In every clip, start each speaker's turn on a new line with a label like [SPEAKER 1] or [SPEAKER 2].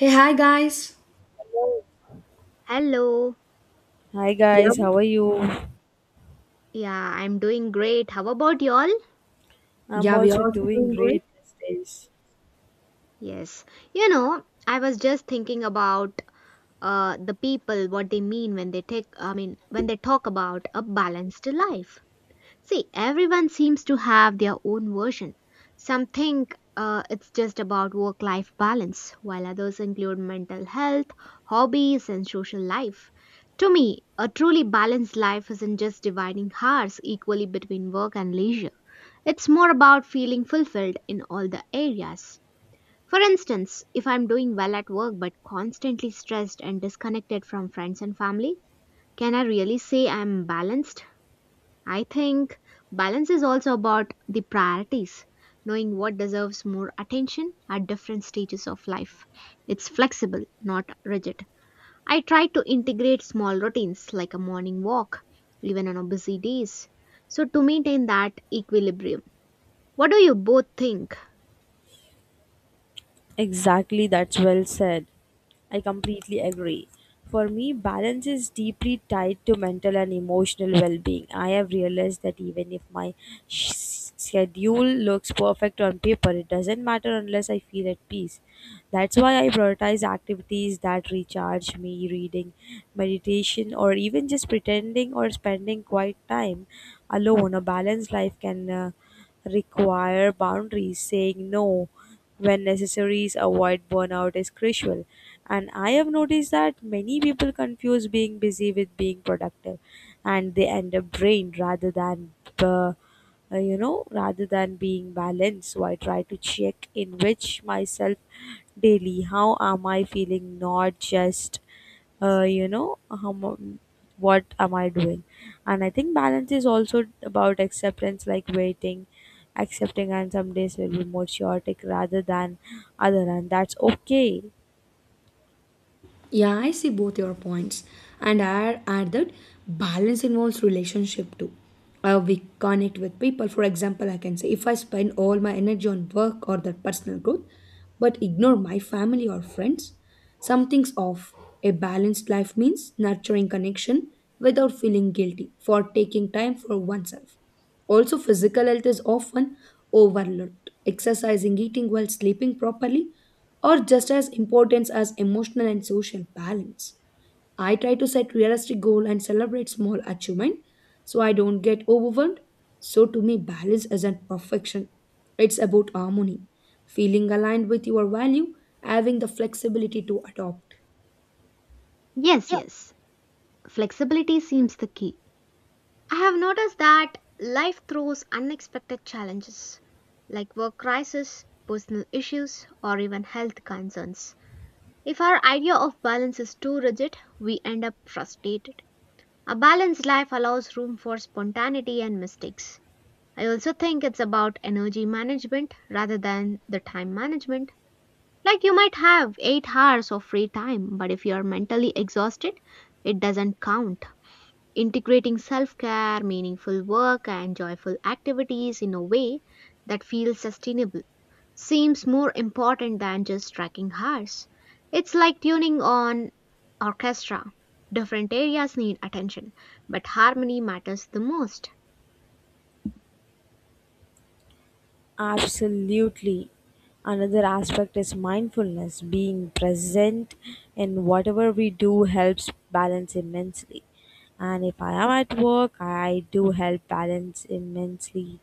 [SPEAKER 1] Hey, hi guys.
[SPEAKER 2] Hello.
[SPEAKER 3] Hi
[SPEAKER 1] Yeah,
[SPEAKER 3] guys, how are you?
[SPEAKER 2] Yeah, I'm doing great. How about y'all?
[SPEAKER 3] I'm
[SPEAKER 1] yeah, we are
[SPEAKER 3] also
[SPEAKER 1] also
[SPEAKER 3] doing
[SPEAKER 1] doing great.
[SPEAKER 3] great these days.
[SPEAKER 2] Yes. You know, I was just thinking about the people what they mean when they take when they talk about a balanced life. See, everyone seems to have their own version. Some think it's just about work life balance, while others include mental health, hobbies, and social life. To me, a truly balanced life isn't just dividing hours equally between work and leisure. It's more about feeling fulfilled in all the areas. For instance, if I'm doing well at work but constantly stressed and disconnected from friends and family, can I really say I'm balanced? I think balance is also about the priorities, knowing what deserves more attention at different stages of life. It's flexible, not rigid. I try to integrate small routines like a morning walk, even on busy days, so to maintain that equilibrium. What do you both think?
[SPEAKER 3] Exactly, that's well said. I completely agree. For me, balance is deeply tied to mental and emotional well being. I have realized that even if my schedule looks perfect on paper, it doesn't matter unless I feel at peace. That's why I prioritize activities that recharge me reading, meditation, or even just pretending or spending quiet time alone. A balanced life can require boundaries, saying no when necessary, avoid burnout is crucial. And I have noticed that many people confuse being busy with being productive, and they end up drained uh, rather than being balanced. So I try to check in which myself daily. How am I feeling? Not just you know how mu- What am I doing? And I think balance is also about acceptance, like waiting, accepting, and some days will be more chaotic rather than other, and that's okay.
[SPEAKER 1] Yeah, I see both your points, and I add that balance involves relationship too. We connect with people. For example, I can say if I spend all my energy on work or the personal growth, but ignore my family or friends, something's off. A balanced life means nurturing connection without feeling guilty for taking time for oneself. Also, physical health is often overlooked. Exercising, eating well, sleeping properly or just as important as emotional and social balance. I try to set realistic goal and celebrate small achievement so I don't get overwhelmed. So to me balance isn't perfection. It's about harmony, feeling aligned with your value, having the flexibility to adopt.
[SPEAKER 2] Yes, yes. Flexibility seems the key. I have noticed that life throws unexpected challenges like work crisis, personal issues, or even health concerns. If our idea of balance is too rigid, we end up frustrated. A balanced life allows room for spontaneity and mistakes. I also think it's about energy management rather than the time management. Like you might have 8 hours of free time, but if you are mentally exhausted, it doesn't count. Integrating self care, meaningful work, and joyful activities in a way that feels sustainable seems more important than just tracking hours. It's like tuning on orchestra. Different areas need attention, but harmony matters the most.
[SPEAKER 3] Absolutely, another aspect is mindfulness. Being present in whatever we do helps balance immensely. And if I am at work, I do help balance immensely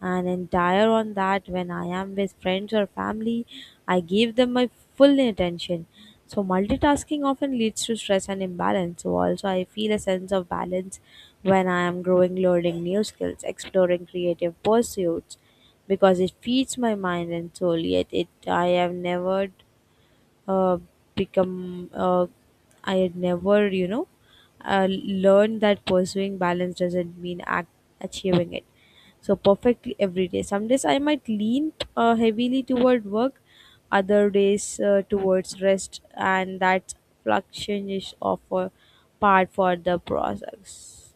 [SPEAKER 3] and entire on that. When I am with friends or family, I give them my full attention. So multitasking often leads to stress and imbalance. So also I feel a sense of balance when I am growing, learning new skills, exploring creative pursuits, because it feeds my mind and soul. Yet it I have never uh, become I had never, learned that pursuing balance doesn't mean achieving it so perfectly every day. Some days I might lean heavily toward work, other days towards rest, and that fluctuation is of a part for the process.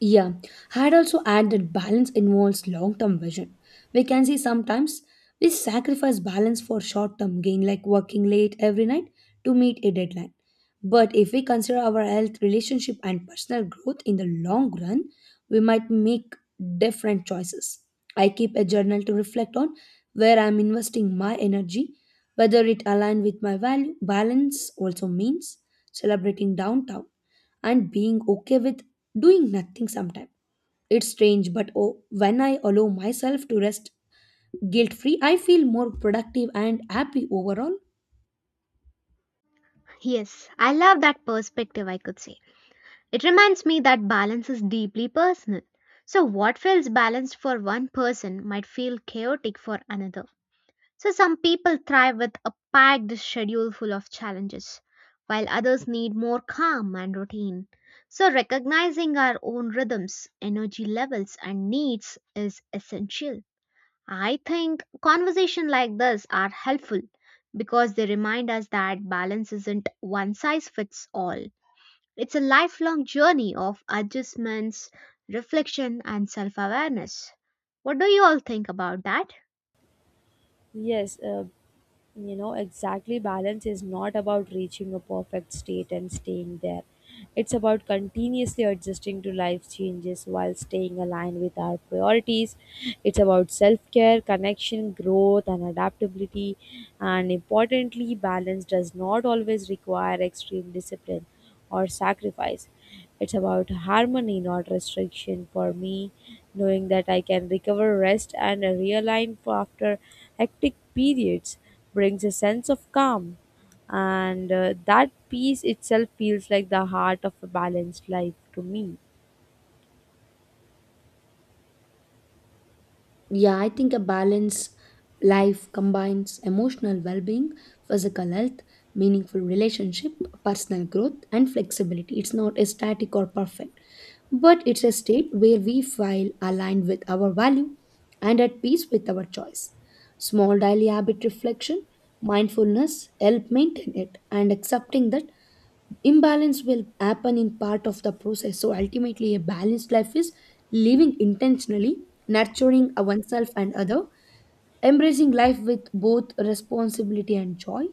[SPEAKER 1] Yeah, I'd also add that balance involves long term vision. We can see sometimes we sacrifice balance for short term gain, like working late every night to meet a deadline. But if we consider our health, relationship, and personal growth in the long run, we might make different choices. I keep a journal to reflect on where I'm investing my energy, whether it aligns with my value. Balance also means celebrating downtown and being okay with doing nothing sometimes. It's strange, but oh, when I allow myself to rest guilt free, I feel more productive and happy overall.
[SPEAKER 2] Yes, I love that perspective, I could say. It reminds me that balance is deeply personal. So, what feels balanced for one person might feel chaotic for another. So, some people thrive with a packed schedule full of challenges, while others need more calm and routine. So, recognizing our own rhythms, energy levels, and needs is essential. I think conversations like this are helpful because they remind us that balance isn't one size fits all. It's a lifelong journey of adjustments, reflection, and self awareness. What do you all think about that?
[SPEAKER 3] Yes, exactly, balance is not about reaching a perfect state and staying there. It's about continuously adjusting to life changes while staying aligned with our priorities. It's about self care, connection, growth, and adaptability. And importantly, balance does not always require extreme discipline or sacrifice. It's about harmony, not restriction. For me, knowing that I can recover, rest, and realign after hectic periods brings a sense of calm. And that peace itself feels like the heart of a balanced life to me.
[SPEAKER 1] Yeah, I think a balanced life combines emotional well being, physical health, meaningful relationship, personal growth, and flexibility. It's not a static or perfect, but it's a state where we feel aligned with our value and at peace with our choice. Small daily habit reflection, mindfulness help maintain it and accepting that imbalance will happen in part of the process. So ultimately a balanced life is living intentionally, nurturing oneself and other, embracing life with both responsibility and joy.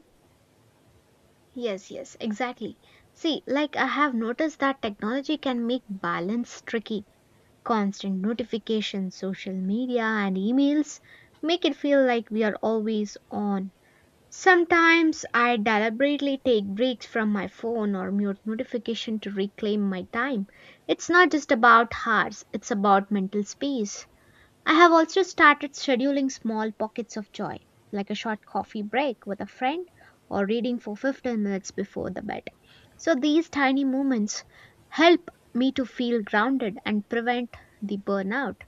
[SPEAKER 2] Yes, yes, exactly. See, like I have noticed that technology can make balance tricky. Constant notifications, social media, and emails make it feel like we are always on. Sometimes I deliberately take breaks from my phone or mute notification to reclaim my time. It's not just about hours, it's about mental space. I have also started scheduling small pockets of joy, like a short coffee break with a friend or reading for 15 minutes before the bed. So these tiny moments help me to feel grounded and prevent the burnout.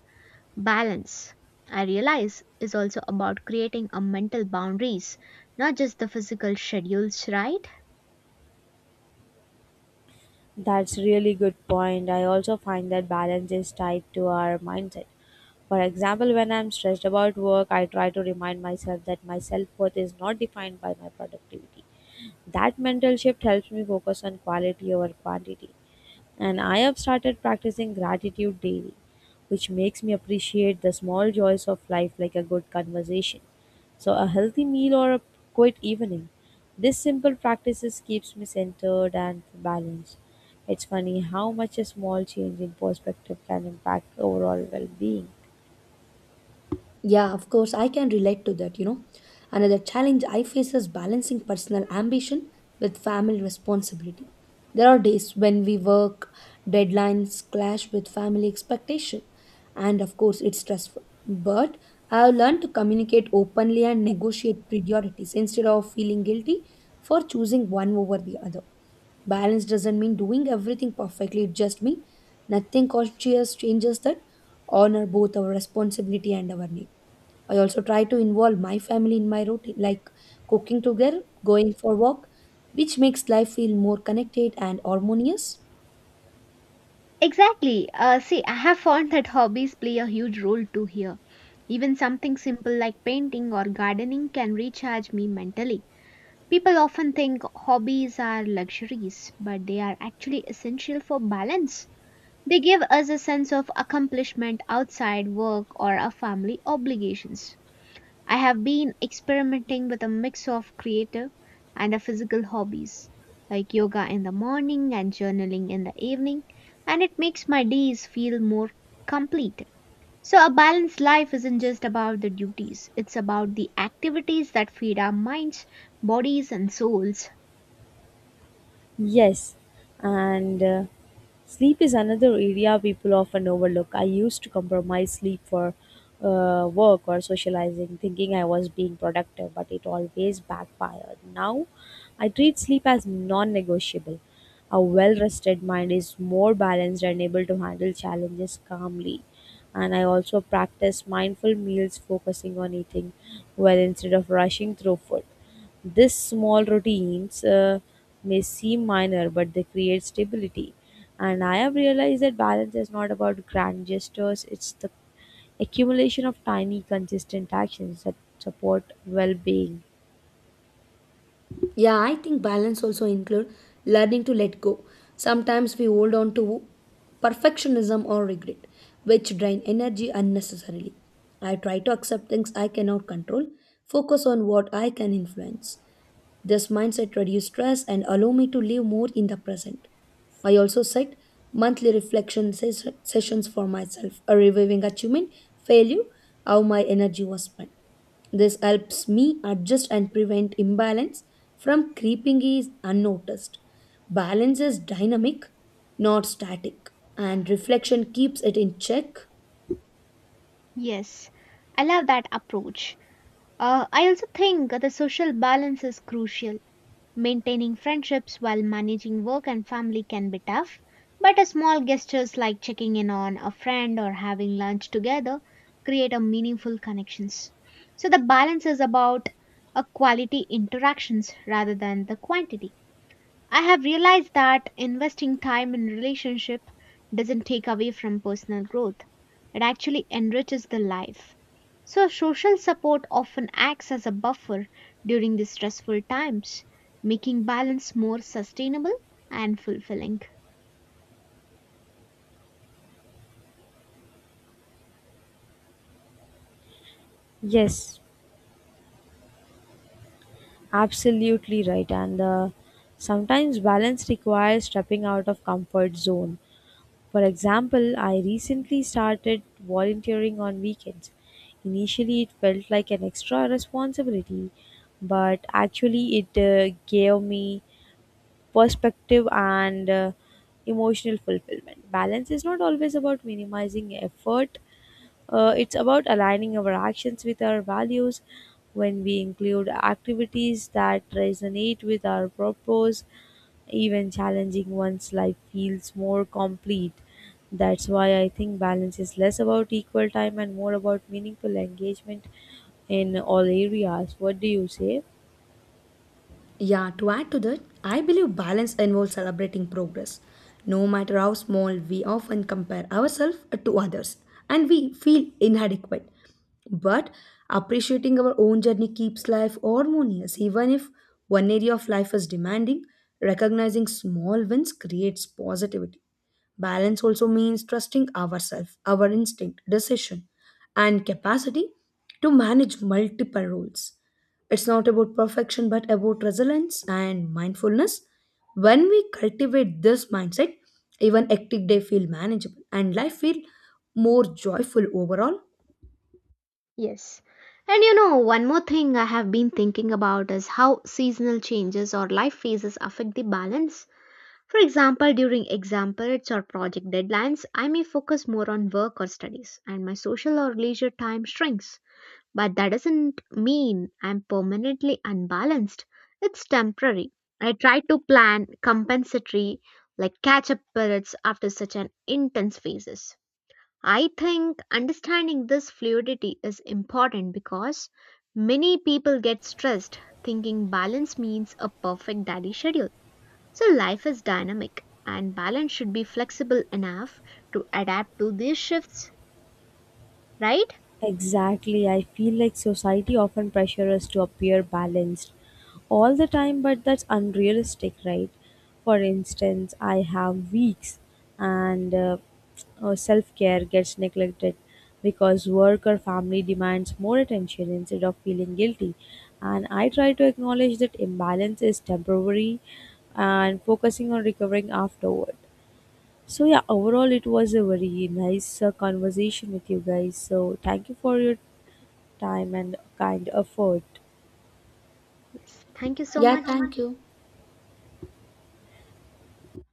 [SPEAKER 2] Balance, I realize, is also about creating a mental boundaries, not just the physical schedules, right?
[SPEAKER 3] That's really good point. I also find that balance is tied to our mindset. For example, when I'm stressed about work, I try to remind myself that my self worth is not defined by my productivity. That mental shift helps me focus on quality over quantity. And I have started practicing gratitude daily, which makes me appreciate the small joys of life like a good conversation. So a healthy meal or a quiet evening. This simple practices keeps me centered and balanced. It's funny how much a small change in perspective can impact overall well-being.
[SPEAKER 1] Yeah, of course, I can relate to that, you know. Another challenge I face is balancing personal ambition with family responsibility. There are days when we work, deadlines clash with family expectation, and of course, it's stressful. But I've learned to communicate openly and negotiate priorities instead of feeling guilty for choosing one over the other. Balance doesn't mean doing everything perfectly, it just means nothing conscious changes that honor both our responsibility and our need. I also try to involve my family in my routine, like cooking together, going for walk, which makes life feel more connected and harmonious.
[SPEAKER 2] Exactly. See, I have found that hobbies play a huge role too here. Even something simple like painting or gardening can recharge me mentally. People often think hobbies are luxuries, but they are actually essential for balance. They give us a sense of accomplishment outside work or our family obligations. I have been experimenting with a mix of creative and a physical hobbies, like yoga in the morning and journaling in the evening, and it makes my days feel more complete. So, a balanced life isn't just about the duties, it's about the activities that feed our minds, bodies, and souls.
[SPEAKER 3] Yes, and sleep is another area people often overlook. I used to compromise sleep for work or socializing, thinking I was being productive, but it always backfired. Now, I treat sleep as non negotiable. A well rested mind is more balanced and able to handle challenges calmly. And I also practice mindful meals, focusing on eating well instead of rushing through food. This small routines may seem minor, but they create stability. And I have realized that balance is not about grand gestures, it's the accumulation of tiny, consistent actions that support well being.
[SPEAKER 1] Yeah, I think balance also include learning to let go. Sometimes we hold on to perfectionism or regret, which drain energy unnecessarily. I try to accept things I cannot control, focus on what I can influence. This mindset reduced stress and allow me to live more in the present. I also set monthly reflection sessions for myself, a reviewing achievement, failure, how my energy was spent. This helps me adjust and prevent imbalance from creeping is unnoticed. Balance is dynamic, not static, and reflection keeps it in check.
[SPEAKER 2] Yes, I love that approach. I also think the social balance is crucial. Maintaining friendships while managing work and family can be tough, but a small gestures like checking in on a friend or having lunch together create a meaningful connections. So the balance is about a quality interactions rather than the quantity. I have realized that investing time in relationship doesn't take away from personal growth. It actually enriches the life. So social support often acts as a buffer during these stressful times, making balance more sustainable and fulfilling.
[SPEAKER 3] Yes, absolutely right. And sometimes balance requires stepping out of comfort zone. For example, I recently started volunteering on weekends. Initially, it felt like an extra responsibility, but actually, it gave me perspective and emotional fulfillment. Balance is not always about minimizing effort, it's about aligning our actions with our values. When we include activities that resonate with our purpose, even challenging one's life feels more complete. That's why I think balance is less about equal time and more about meaningful engagement in all areas. What do you say?
[SPEAKER 1] Yeah, to add to that, I believe balance involves celebrating progress. No matter how small, we often compare ourselves to others and we feel inadequate. But appreciating our own journey keeps life harmonious, even if one area of life is demanding. Recognizing small wins creates positivity. Balance also means trusting ourselves, our instinct, decision, and capacity to manage multiple roles. It's not about perfection but about resilience and mindfulness. When we cultivate this mindset, even hectic day feel manageable and life feel more joyful overall.
[SPEAKER 2] Yes. And you know, one more thing I have been thinking about is how seasonal changes or life phases affect the balance. For example, during exam periods or project deadlines, I may focus more on work or studies, and my social or leisure time shrinks. But that doesn't mean I'm permanently unbalanced, it's temporary. I try to plan compensatory, like catch up periods after such an intense phases. I think understanding this fluidity is important because many people get stressed thinking balance means a perfect daddy schedule, so life is dynamic, and balance should be flexible enough to adapt to these shifts, right?
[SPEAKER 3] Exactly. I feel like society often pressures us to appear balanced all the time, but that's unrealistic, right? For instance, I have weeks and self care gets neglected because work or family demands more attention, instead of feeling guilty. And I try to acknowledge that imbalance is temporary and focusing on recovering afterward. So, yeah, overall, it was a very nice conversation with you guys. So, thank you for your time and kind not afford.
[SPEAKER 2] Yes. Thank you so
[SPEAKER 1] Yeah, so
[SPEAKER 2] much.
[SPEAKER 1] thank you.